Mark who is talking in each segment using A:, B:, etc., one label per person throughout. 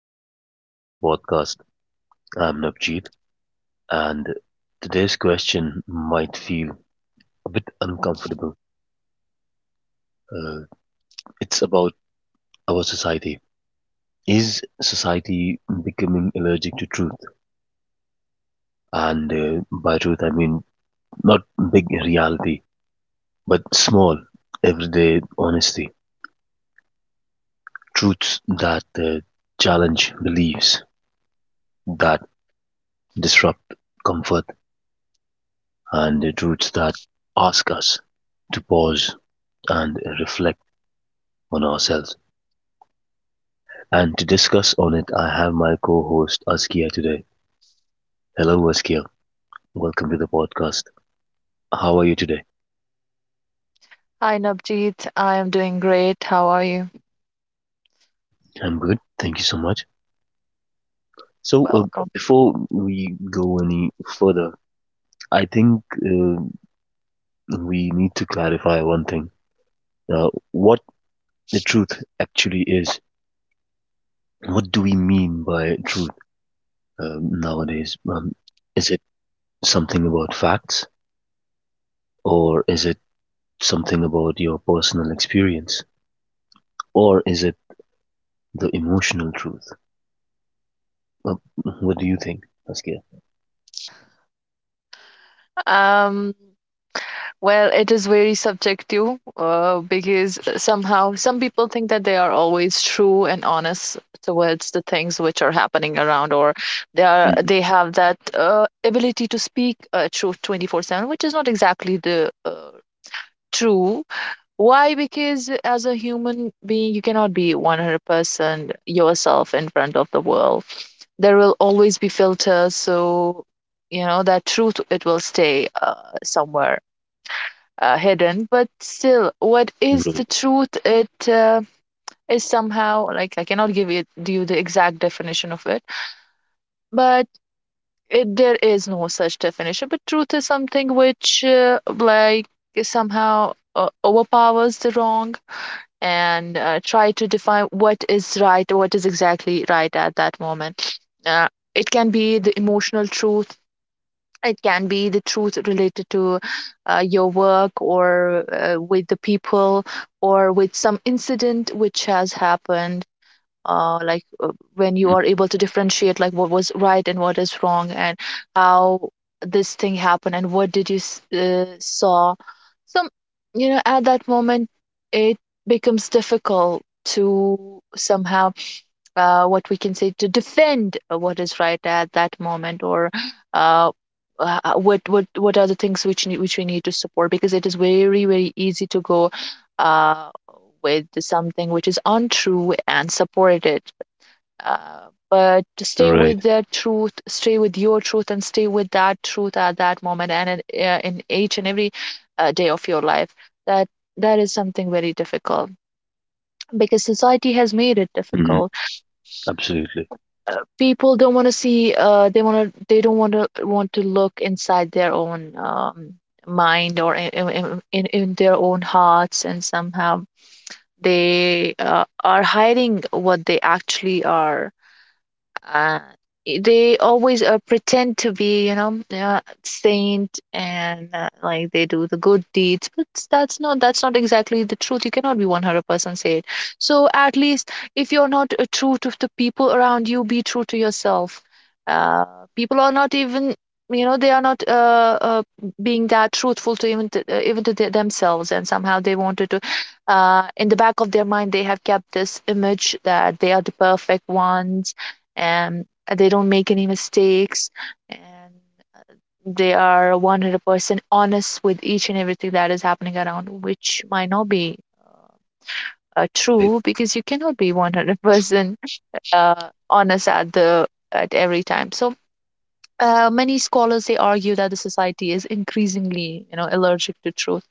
A: welcome back to the podcast. I'm Navjeet, and today's question might feel a bit uncomfortable. Uh, it's about our society. Is society becoming allergic to truth? And by truth, I mean not big reality, but small, everyday honesty. Truths that challenge beliefs, that disrupt comfort, and the truths that ask us to pause and reflect on ourselves. And to discuss on it, I have my co-host Askia today. Hello, Askia. Welcome to the podcast. How are you today?
B: Hi, Navjeet. I am doing great. How are you?
A: I'm good. Thank you so much. So, uh,
B: Welcome.
A: Before we go any further, I think we need to clarify one thing: what the truth actually is. What do we mean by truth nowadays? Is it something about facts, or is it something about your personal experience, or is it the emotional truth. Uh, what do you think, Saskia?
B: Um, well, it is very subjective because somehow some people think that they are always true and honest towards the things which are happening around, or they are
A: Mhm.
B: they have that ability to speak truth 24/7, which is not exactly the true. Why? Because as a human being, you cannot be 100% yourself in front of the world. There will always be filters, so you know that truth, it will stay somewhere hidden. But still, what is the
A: Right.
B: truth? It is somehow like, I cannot give it you the exact definition of it, but there is no such definition. But truth is something which like somehow overpowers the wrong and try to define what is right, what is exactly right at that moment. uh, it can be the emotional truth, it can be the truth related to your work, or with the people, or with some incident which has happened, uh, like uh, when you are
A: Mhm.
B: able to differentiate like what was right and what is wrong, and how this thing happened and what did you saw. So you know, at that moment it becomes difficult to somehow, what we can say, to defend what is right at that moment, or uh, what are the things which which we need to support, because it is very easy to go uh, with something which is untrue and support it. But stay with
A: Right.
B: the truth, stay with your truth, and stay with that truth at that moment and in each and every day of your life. That that is something very difficult because society has made it
A: Mhm.
B: difficult.
A: Absolutely.
B: People don't want to see. They want to, they don't want to look inside their own mind, or in their own hearts. And somehow they are hiding what they actually are. uh, they always pretend to be, you know, saint, and like they do the good deeds, but that's not exactly the truth. You cannot be 100% saint. So at least if you're not true to the people around you, be true to yourself. uh, People are not even, you know, they are not being that truthful to even even to themselves. And somehow they wanted to in the back of their mind, they have kept this image that they are the perfect ones, and they don't make any mistakes, and they are 100% honest with each and everything that is happening around, which might not be
A: Right.
B: true, because you cannot be 100% uh, honest at the at every time. So many scholars, they argue that the society is increasingly, you know, allergic to truth,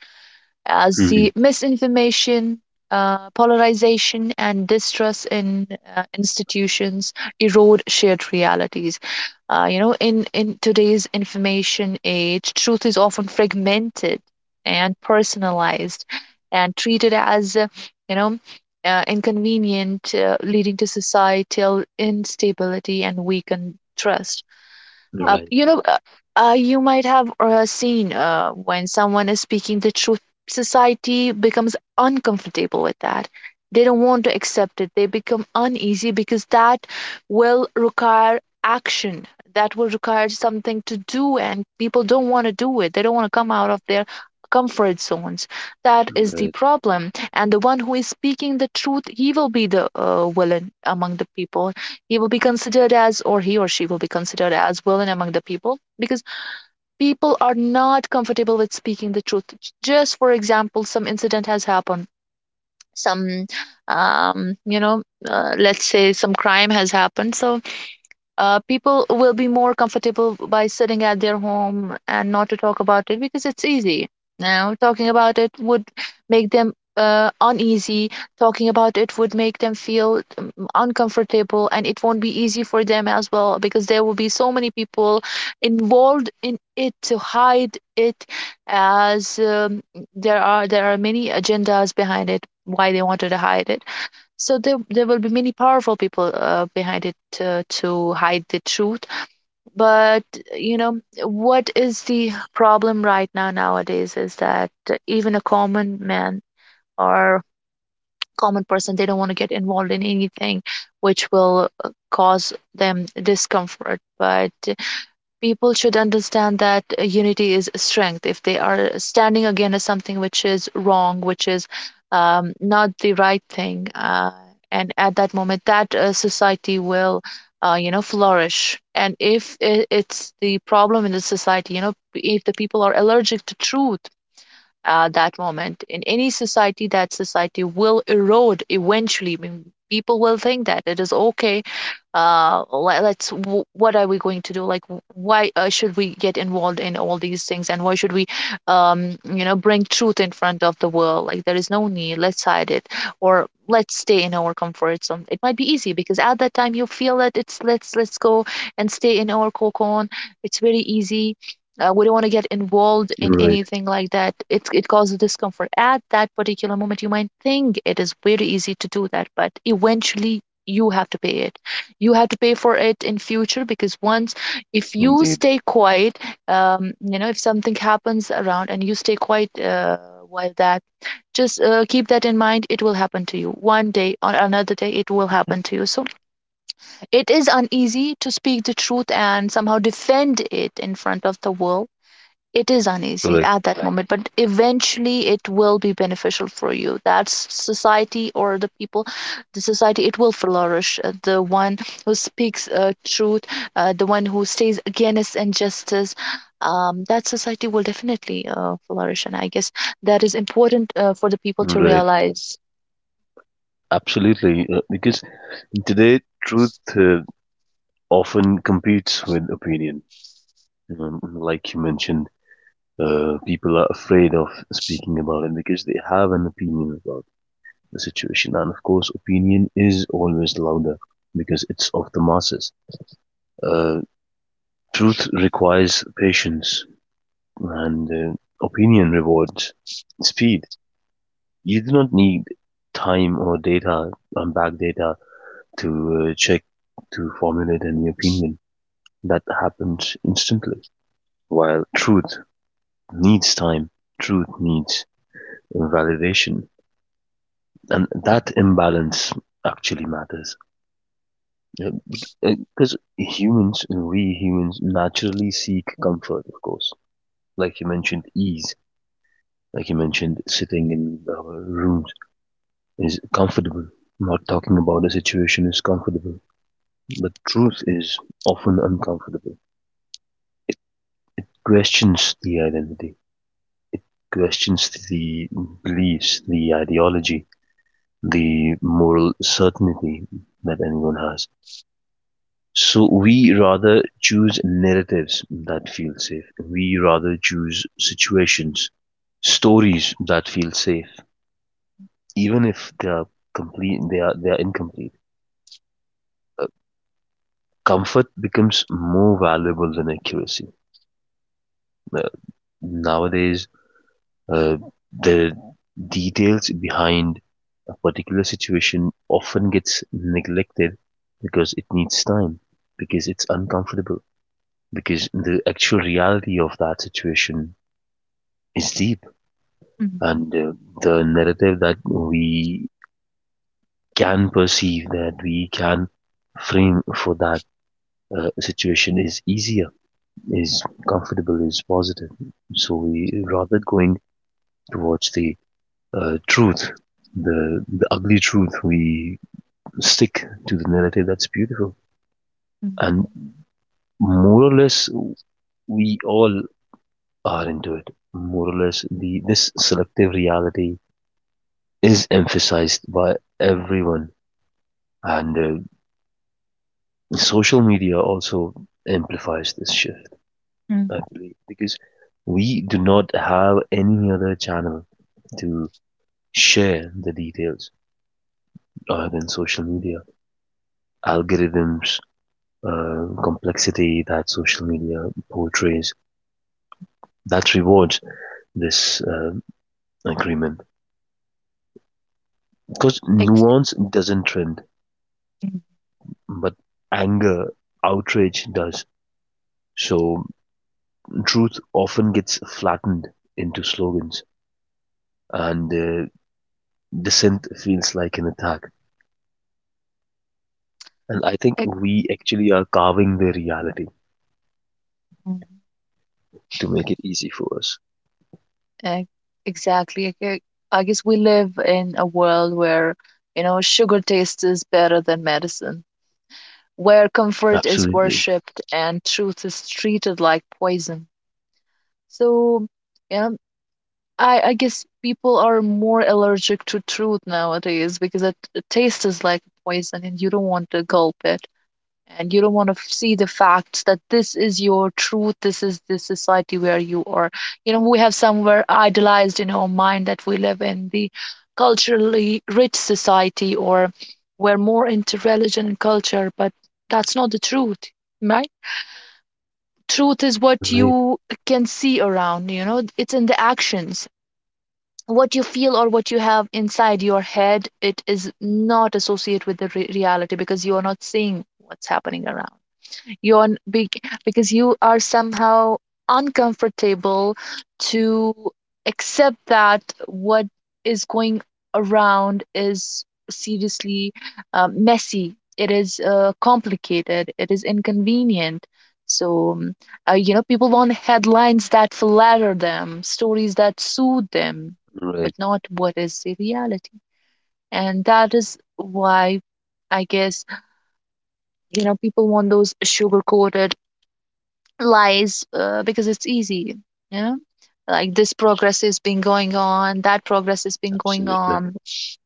B: as the
A: Mhm.
B: misinformation, polarization, and distrust in institutions erode shared realities. You know, in today's information age, truth is often fragmented and personalized and treated as, you know, inconvenient, leading to societal instability and weakened trust. uh,
A: Right.
B: you know, uh, you might have seen when someone is speaking the truth, society becomes uncomfortable with that. They don't want to accept it. They become uneasy because that will require action. That will require something to do, and people don't want to do it. They don't want to come out of their comfort zones. That is the
A: Right.
B: problem. And the one who is speaking the truth, he will be the villain among the people. He will be considered as, or he or she will be considered as villain among the people, because people are not comfortable with speaking the truth. Just for example, some incident has happened, some, you know, let's say some crime has happened. So people will be more comfortable by sitting at their home and not to talk about it, because it's easy. Now, talking about it would make them uneasy. Talking about it would make them feel uncomfortable, and it won't be easy for them as well, because there will be so many people involved in it to hide it. As There are many agendas behind it, why they wanted to hide it. So there will be many powerful people behind it to hide the truth. But you know, what is the problem right now nowadays is that even a common man or common person, they don't want to get involved in anything which will cause them discomfort. But people should understand that unity is strength. If they are standing against something which is wrong, which is not the right thing, and at that moment, that society will you know, flourish. And if I- it's the problem in the society, you know, if the people are allergic to truth. That moment, in any society, that society will erode eventually. I mean, people will think that it is okay, what are we going to do, like why should we get involved in all these things, and why should we, you know, bring truth in front of the world? Like, there is no need. Let's hide it, or let's stay in our comfort zone. It might be easy, because at that time you feel that it's, let's go and stay in our cocoon. It's very easy. We don't want to get involved in
A: Right.
B: anything like that. It causes discomfort. At that particular moment, you might think it is very easy to do that, but eventually you have to pay it. You have to pay for it in future, because once, if you
A: Indeed.
B: stay quiet, you know, if something happens around and you stay quiet, while that just keep that in mind, it will happen to you one day or another day. It will happen to you. So it is uneasy to speak the truth and somehow defend it in front of the world. It is uneasy
A: Correct.
B: at that Right. moment, but eventually it will be beneficial for you, that's society or the people. The society, it will flourish. The one who speaks truth, the one who stays against injustice, that society will definitely flourish. And I guess that is important for the people to
A: Right.
B: realize.
A: Absolutely. Because today, truth often competes with opinion. Like you mentioned, people are afraid of speaking about it because they have an opinion about the situation. And of course, opinion is always louder because it's of the masses. Uh, Truth requires patience and opinion rewards speed. You do not need time or data, unbacked data, to check, to formulate any opinion. That happens instantly. While truth needs time, truth needs validation. And that imbalance actually matters. Because humans, we humans naturally seek comfort, of course. Like you mentioned, ease like you mentioned, sitting in our rooms is comfortable. Not talking about a situation is comfortable. But truth is often uncomfortable. It, it questions the identity, it questions the beliefs, the ideology, the moral certainty that anyone has. So we rather choose narratives that feel safe. We rather choose situations, stories that feel safe even if they are complete, they are incomplete. Comfort becomes more valuable than accuracy. Uh, nowadays, uh, the details behind a particular situation often gets neglected because it needs time, because it's uncomfortable, because the actual reality of that situation is deep, and
B: Hmm.
A: the narrative that we can perceive, that we can frame for that situation is easier is comfortable is positive. So we rather going towards the truth, the ugly truth. We stick to the narrative that's beautiful, and
B: Hmm.
A: more or less we all are into it. More or less, the this selective reality is emphasized by everyone, and social media also amplifies this shift.
B: Mm-hmm.
A: I believe because we do not have any other channel to share the details. Than social media. Algorithms, complexity that social media portrays that rewards this agreement because
B: Ex-
A: nuance doesn't trend,
B: Mm-hmm.
A: but anger, outrage does. So truth often gets flattened into slogans, and dissent feels like an attack. And I think we actually are carving the reality
B: ex-
A: to make it easy for us.
B: Ex- Exactly. I guess we live in a world where, you know, sugar taste is better than medicine, where comfort is
A: Absolutely.
B: worshipped and truth is treated like poison. So, yeah, I guess people are more allergic to truth nowadays, because it tastes like poison, and you don't want to gulp it, and you don't want to see the facts that this is your truth, this is the society where you are. You know, we have somewhere idealized in our mind that we live in the culturally rich society, or we're more into religion and culture, but that's not the truth. Right? Truth is what
A: Right.
B: you can see around, you know. It's in the actions. What you feel or what you have inside your head, it is not associated with the reality, because you are not seeing what's happening around. You're big, because you are somehow uncomfortable to accept that what is going around is seriously messy. It is complicated. It is inconvenient. So, you know, people want headlines that flatter them, stories that soothe them, but
A: Right.
B: not what is the reality. And that is why, I guess, you know, people want those sugar coated lies, because it's easy. You know, like, this progress has been going on, that progress has been going
A: Absolutely.
B: on,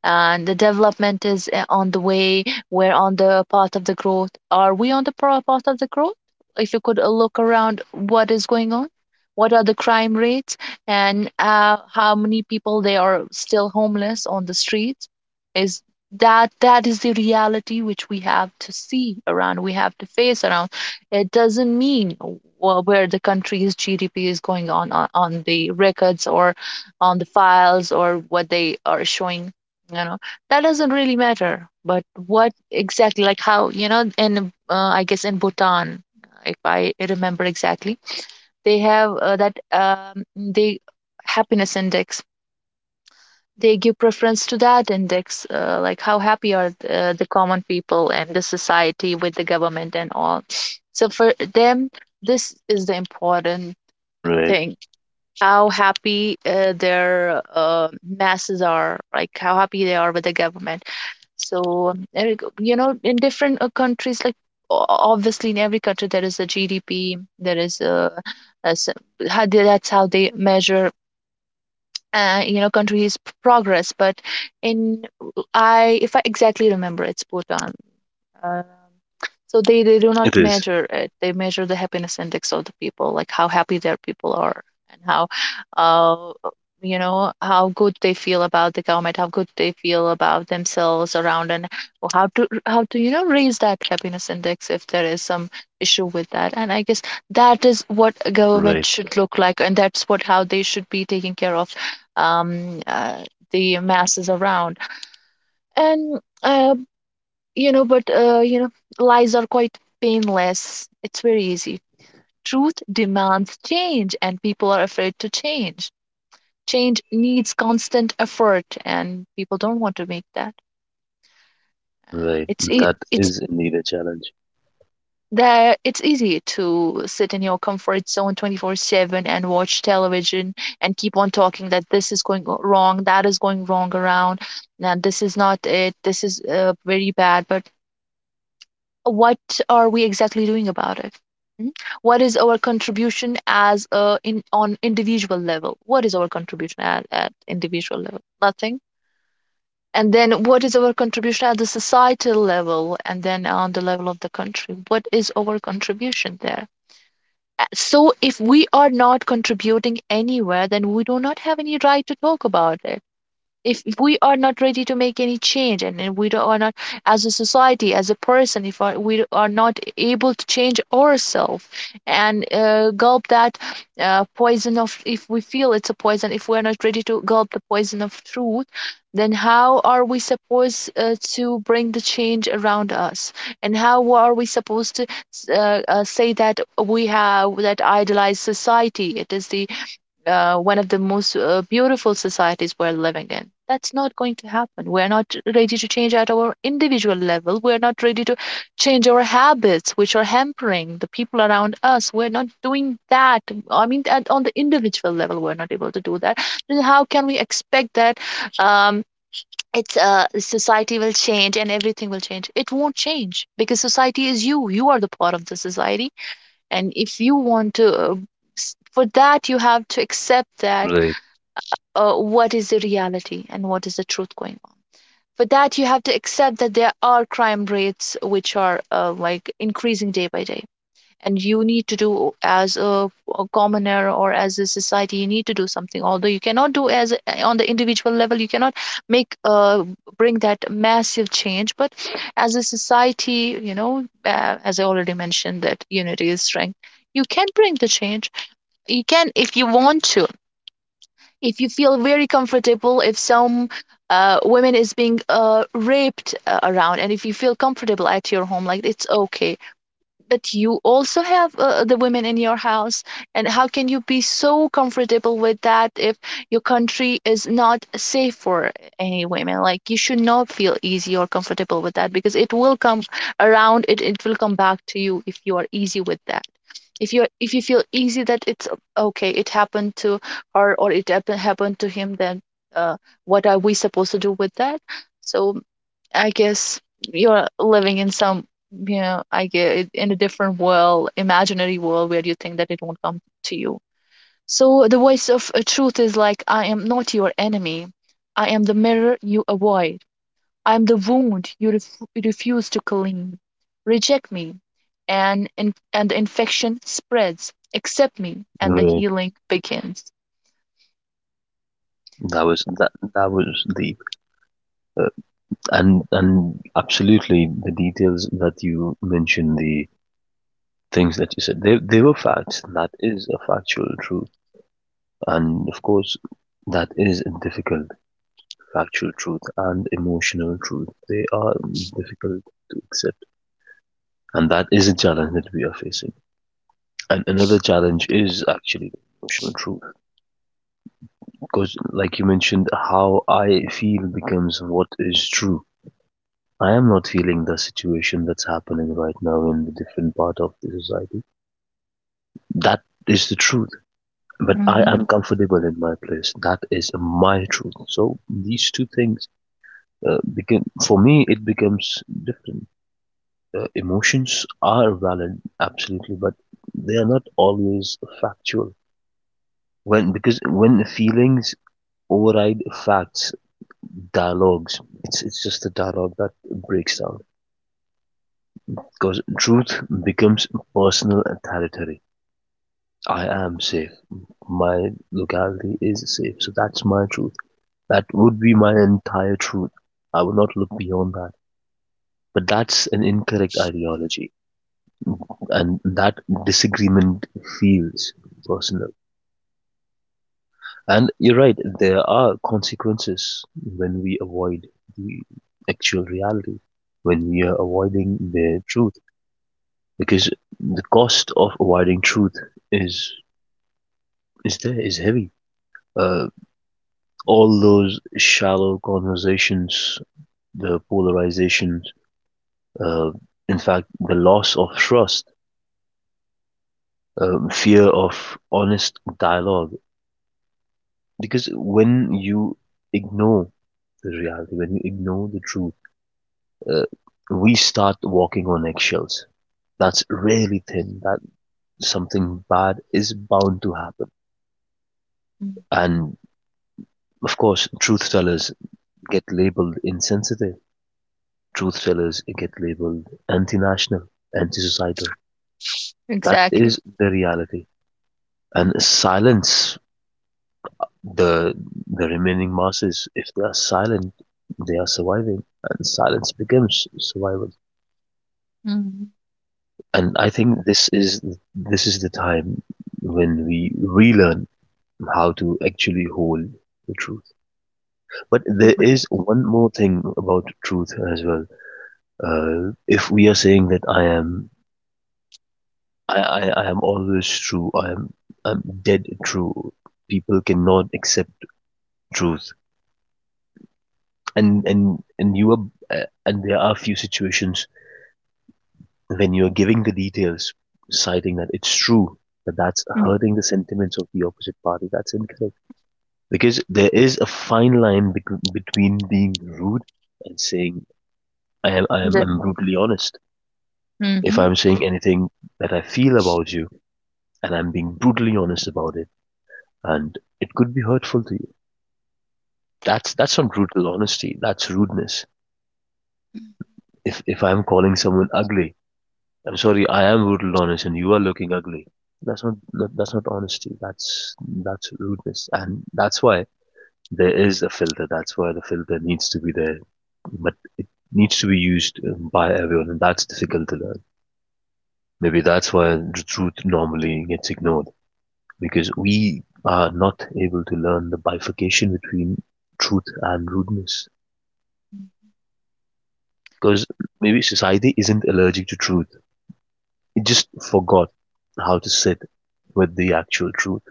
B: and the development is on the way. We're on the path of the growth. Are we on the path of the growth? If you could look around, what is going on? What are the crime rates, and how many people, they are still homeless on the streets? Is that that is the reality which we have to see around. We have to face around. It doesn't mean where the country's GDP is going on on the records, or on the files, or what they are showing. You know, that doesn't really matter. But what exactly, like, how, you know, in I guess, in bhutan, if I remember exactly, they have that they happiness index, they give preference to that index, like how happy are the common people and the society with the government and all. So for them, this is the important
A: Right.
B: thing, how happy their masses are, like how happy they are with the government. So, there you go. In different countries, like obviously in every country there is a GDP, there is a, a s- how they, that's how they measure. Countries' progress, but in if I exactly remember, it's Bhutan. um, so they do not
A: It is.
B: measure it. They measure the happiness index of the people, like how happy their people are and uh, how good they feel about the government, how good they feel about themselves around, and how to raise that happiness index if there is some issue with that. And I guess that is what a government
A: Right,
B: should look like, and that's what how they should be taking care of um, uh, the masses around. And you know, but you know, Lies are quite painless. It's very easy. Truth demands change, and people are afraid to change. Change needs constant effort, and people don't want to make that. Uh,
A: right.
B: it's e-
A: That
B: it's
A: is indeed a challenge.
B: there. It's easy to sit in your comfort zone 24/7 and watch television and keep on talking that this is going wrong, that is going wrong around, and this is not it. This is very bad. But what are we exactly doing about it? Mm. What is our contribution as a in on individual level what is our contribution at individual level? Nothing. And then what is our contribution at the societal level, and then on the level of the country, what is our contribution there? So if we are not contributing anywhere, then we do not have any right to talk about it. If we are not ready to make any change, and are not, as a society, as a person, if we are not able to change ourselves and gulp that poison of, if we feel it's a poison, if we're not ready to gulp the poison of truth, then how are we supposed to bring the change around us? And how are we supposed to say that we have that idealized society, it is the one of the most beautiful societies we're living in? That's not going to happen. We're not ready to change at our individual level. We're not ready to change our habits, which are hampering the people around us. We're not doing that. I mean, at, on the individual level, we're not able to do that. Then how can we expect that um, it's society will change and everything will change? It won't change because society is you. You are the part of the society, and if you want to, for that you have to accept that,
A: Right,
B: what is the reality and what is the truth going on. For that, you have to accept that there are crime rates which are like increasing day by day. And you need to do, as a commoner or as a society, you need to do something. Although you cannot do as, on the individual level, you cannot make bring that massive change. But as a society, you know, as I already mentioned, that unity is strength. You can bring the change. You can, if you want to, if you feel very comfortable if some women is being raped around, and if you feel comfortable at your home like it's okay, but you also have the women in your house, and how can you be so comfortable with that? If your country is not safe for any women, like, you should not feel easy or comfortable with that, because it will come around, it will come back to you if you are easy with that. If you if you feel easy that it's okay, it happened to her, or it happened to him, then uh, what are we supposed to do with that? So I guess you're living in some, you know, I get in a different world, imaginary world, where you think that it won't come to you. So the voice of truth is like, I am not your enemy. I am the mirror you avoid. I am the wound you refuse to clean. Reject me, and the infection spreads. Accept me, and the
A: right.
B: healing begins.
A: That that was deep. And absolutely the details that you mentioned, the things that you said, they were facts. That is a factual truth. And of course that is a difficult factual truth and emotional truth. They are difficult to accept. And that is a challenge that we are facing. And another challenge is actually the emotional truth. Because, like you mentioned, how I feel becomes what is true. I am not feeling the situation that's happening right now in the different part of the society. That is the truth. But I
B: Mm-hmm.
A: am comfortable in my place. That is my truth. So these two things become for me. It becomes different. Emotions are valid, absolutely, but they are not always factual. When because when feelings override facts, dialogues. It's just the dialogue that breaks down because truth becomes personal and territory. I am safe. My locality is safe. So that's my truth. That would be my entire truth. I would not look beyond that. But that's an incorrect ideology, and that disagreement feels personal. And you're right. There are consequences when we avoid the actual reality, when we are avoiding the truth because the cost of avoiding truth is is heavy. Uh, all those shallow conversations, the polarisation, uh, in fact, the loss of trust, fear of honest dialogue. Because when you ignore the reality, when you ignore the truth, uh, we start walking on eggshells. That's really thin. That something bad is bound to happen. And of course, truth tellers get labeled insensitive. Truth tellers get labeled anti-national, anti-societal. That
B: Exactly.
A: is the reality. And silence the the remaining masses. If they are silent, they are surviving, and silence becomes survival.
B: Mm-hmm.
A: And I think this is the time when we relearn how to actually hold the truth. But there is one more thing about truth as well. If we are saying that I am always true. I'm dead true. People cannot accept truth. And you are and there are few situations when you are giving the details, citing that it's true, that that's
B: Mm-hmm.
A: hurting the sentiments of the opposite party. That's incorrect because there is a fine line between being rude and saying I am I am
B: the-
A: I'm brutally honest. If
B: Mm-hmm.
A: I'm saying anything that I feel about you and I'm being brutally honest about it, and it could be hurtful to you. That's not brutal honesty. That's rudeness. If I'm calling someone ugly, I'm sorry. I am brutal honest, and you are looking ugly. That's not honesty. That's rudeness, and that's why there is a filter. That's why the filter needs to be there, but it needs to be used by everyone, and that's difficult to learn. Maybe that's why the truth normally gets ignored because we are not able to learn the bifurcation between truth and rudeness. Because maybe society isn't allergic to truth. It just forgot how to sit with the actual truth,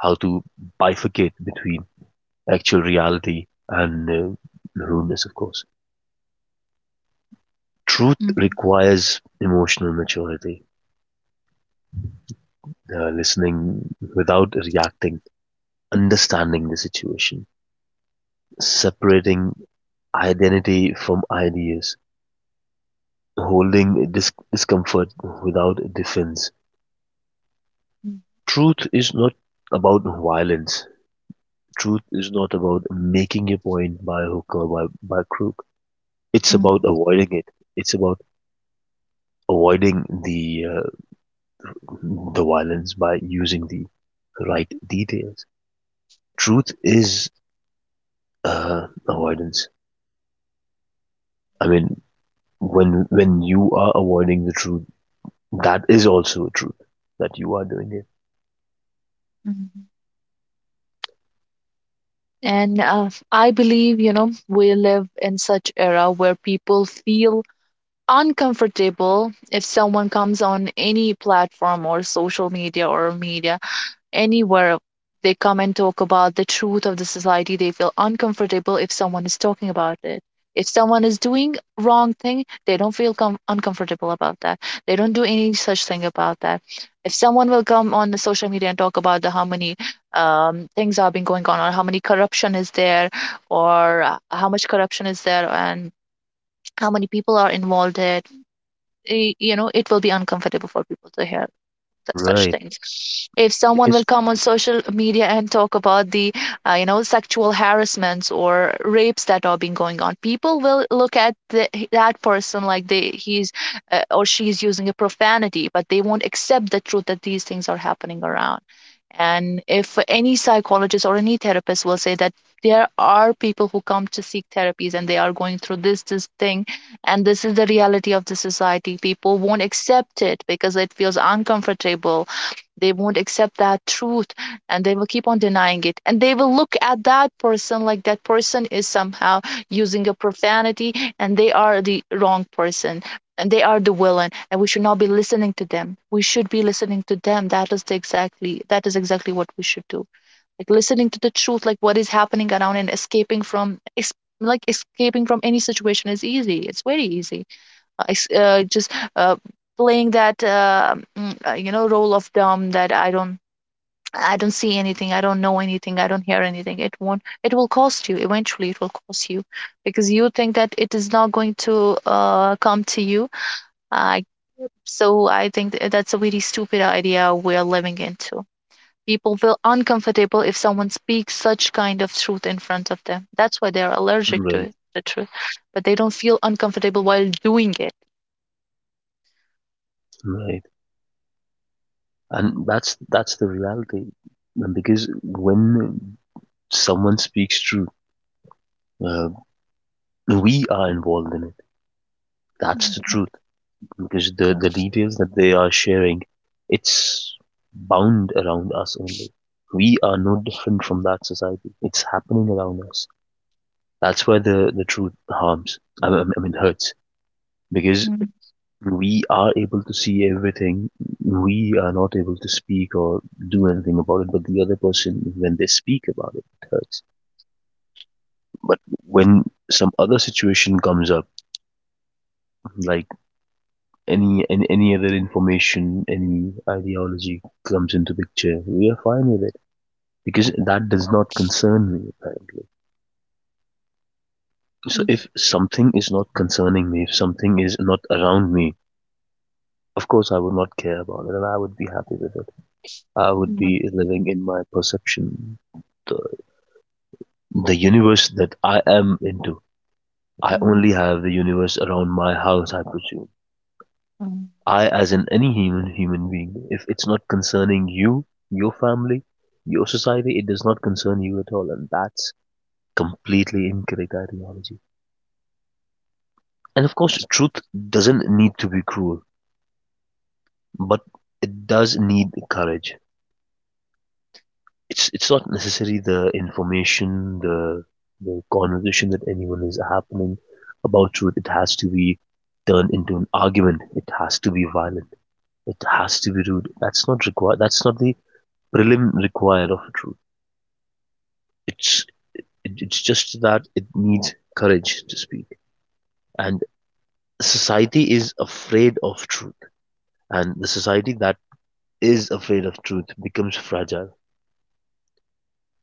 A: how to bifurcate between actual reality and rudeness, of course. Truth requires emotional maturity, listening without reacting, understanding the situation, separating identity from ideas, holding discomfort without defense.
B: Mm-hmm.
A: Truth is not about violence. Truth is not about making a point by hook or by crook. It's about avoiding it. It's about avoiding the violence by using the right details. Truth is avoidance. I mean, when you are avoiding the truth, that is also a truth that you are doing it.
B: Mm-hmm. And I believe, you know, we live in such era where people feel uncomfortable if someone comes on any platform or social media or media anywhere, they come and talk about the truth of the society. They feel uncomfortable if someone is talking about it. If someone is doing wrong thing, they don't feel uncomfortable about that. They don't do any such thing about that. If someone will come on the social media and talk about the how many things are been going on, or how many corruption is there, or how much corruption is there, and how many people are involved in it, you know, it will be uncomfortable for people to hear such
A: Right.
B: things. If someone
A: Because
B: will come on social media and talk about the you know sexual harassments or rapes that are being going on, people will look at that person like they, he's or she's using a profanity, but they won't accept the truth that these things are happening around. And if any psychologist or any therapist will say that there are people who come to seek therapies and they are going through this thing, and this is the reality of the society, people won't accept it because it feels uncomfortable. They won't accept that truth, and they will keep on denying it, and they will look at that person like that person is somehow using a profanity and they are the wrong person, and they are the villain, and we should not be listening to them. We should be listening to them. That is the exactly that is exactly what we should do, like listening to the truth, like what is happening around, and escaping from like escaping from any situation is easy. It's very easy. Es- just Playing that you know role of dumb, that I don't see anything, I don't know anything, I don't hear anything. It won't It will cost you eventually. It will cost you, because you think that it is not going to come to you. uh, so I think that's a really stupid idea we're living into. People feel uncomfortable if someone speaks such kind of truth in front of them. That's why they're allergic to
A: right,
B: it, the truth. But they don't feel uncomfortable while doing it.
A: right, and that's the reality. And because when someone speaks truth, uh, we are involved in it. That's the truth because the details that they are sharing, it's bound around us only. We are no different from that society. It's happening around us. That's where the truth harms. I mean hurts because
B: Mm-hmm.
A: we are able to see everything. We are not able to speak or do anything about it. But the other person, when they speak about it, it hurts. But when some other situation comes up, like any and any other information, any ideology comes into picture, we are fine with it because that does not concern me apparently. So if something is not concerning me, if something is not around me, of course I would not care about it, and I would be happy with it. I would
B: Mm-hmm.
A: be living in my perception, the the universe that I am into. I only
B: Mm-hmm.
A: have the universe around my house I presume. I, as in any human being, if it's not concerning you, your family, your society, it does not concern you at all, and that's completely incorrect ideology. And of course, truth doesn't need to be cruel, but it does need courage. It's not necessarily the information, the conversation that anyone is happening about truth. It has to be turned into an argument. It has to be violent. It has to be rude. That's not required. That's not the prelim required of truth. It's it's just that it needs courage to speak, and society is afraid of truth, and the society that is afraid of truth becomes fragile.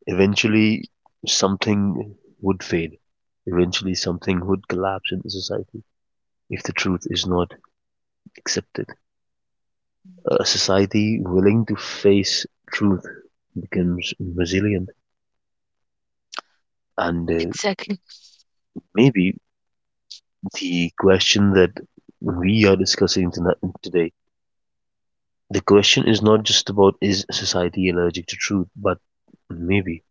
A: Eventually, something would fade. Eventually, something would collapse in the society if the truth is not accepted. A society willing to face truth becomes resilient, and
B: Exactly.
A: maybe the question that we are discussing tonight, today. The question is not just about is society allergic to truth, but maybe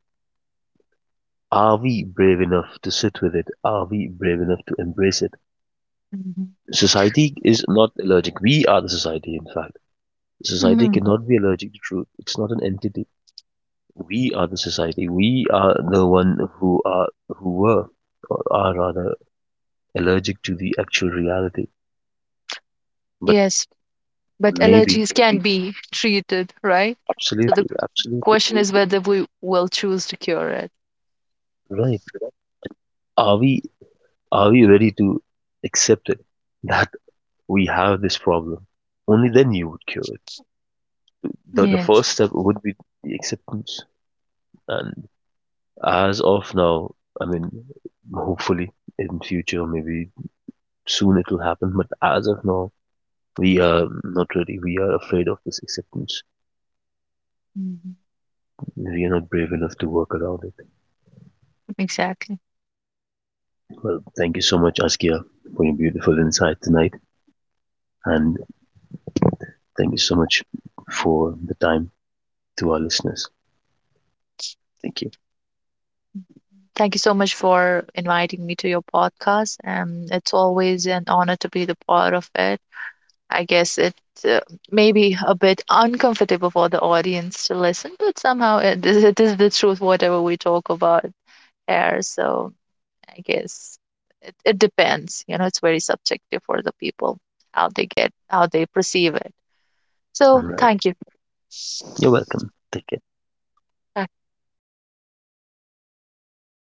A: are we brave enough to sit with it? Are we brave enough to embrace it? Society is not allergic. We are the society, in fact. Society
B: Mhm.
A: cannot be allergic to truth. It's not an entity. We are the society. We are the one who are who were or are rather allergic to the actual reality. But
B: Yes, but
A: maybe,
B: allergies can be treated, right? So
A: absolutely,
B: the
A: absolutely
B: question is whether we will choose to cure it.
A: right. Are we are we ready to accept it? That we have this problem. Only then you would cure it. The first
B: Yes.
A: step would be the acceptance. And as of now, I mean, hopefully in future, maybe soon it will happen. But as of now, we are not ready. We are afraid of this acceptance.
B: Mhm.
A: We are not brave enough to work around it.
B: Exactly.
A: Well, thank you so much, Askia, for your beautiful insight tonight. And thank you so much for the time to our listeners. Thank you.
B: Thank you so much for inviting me to your podcast. It's always an honor to be the part of it. I guess it uh, may be a bit uncomfortable for the audience to listen, but somehow it is the truth, whatever we talk about there. So I guess it, it depends. You know, it's very subjective for the people how they get, how they perceive it. So
A: All right.
B: thank you.
A: You're welcome. Take care.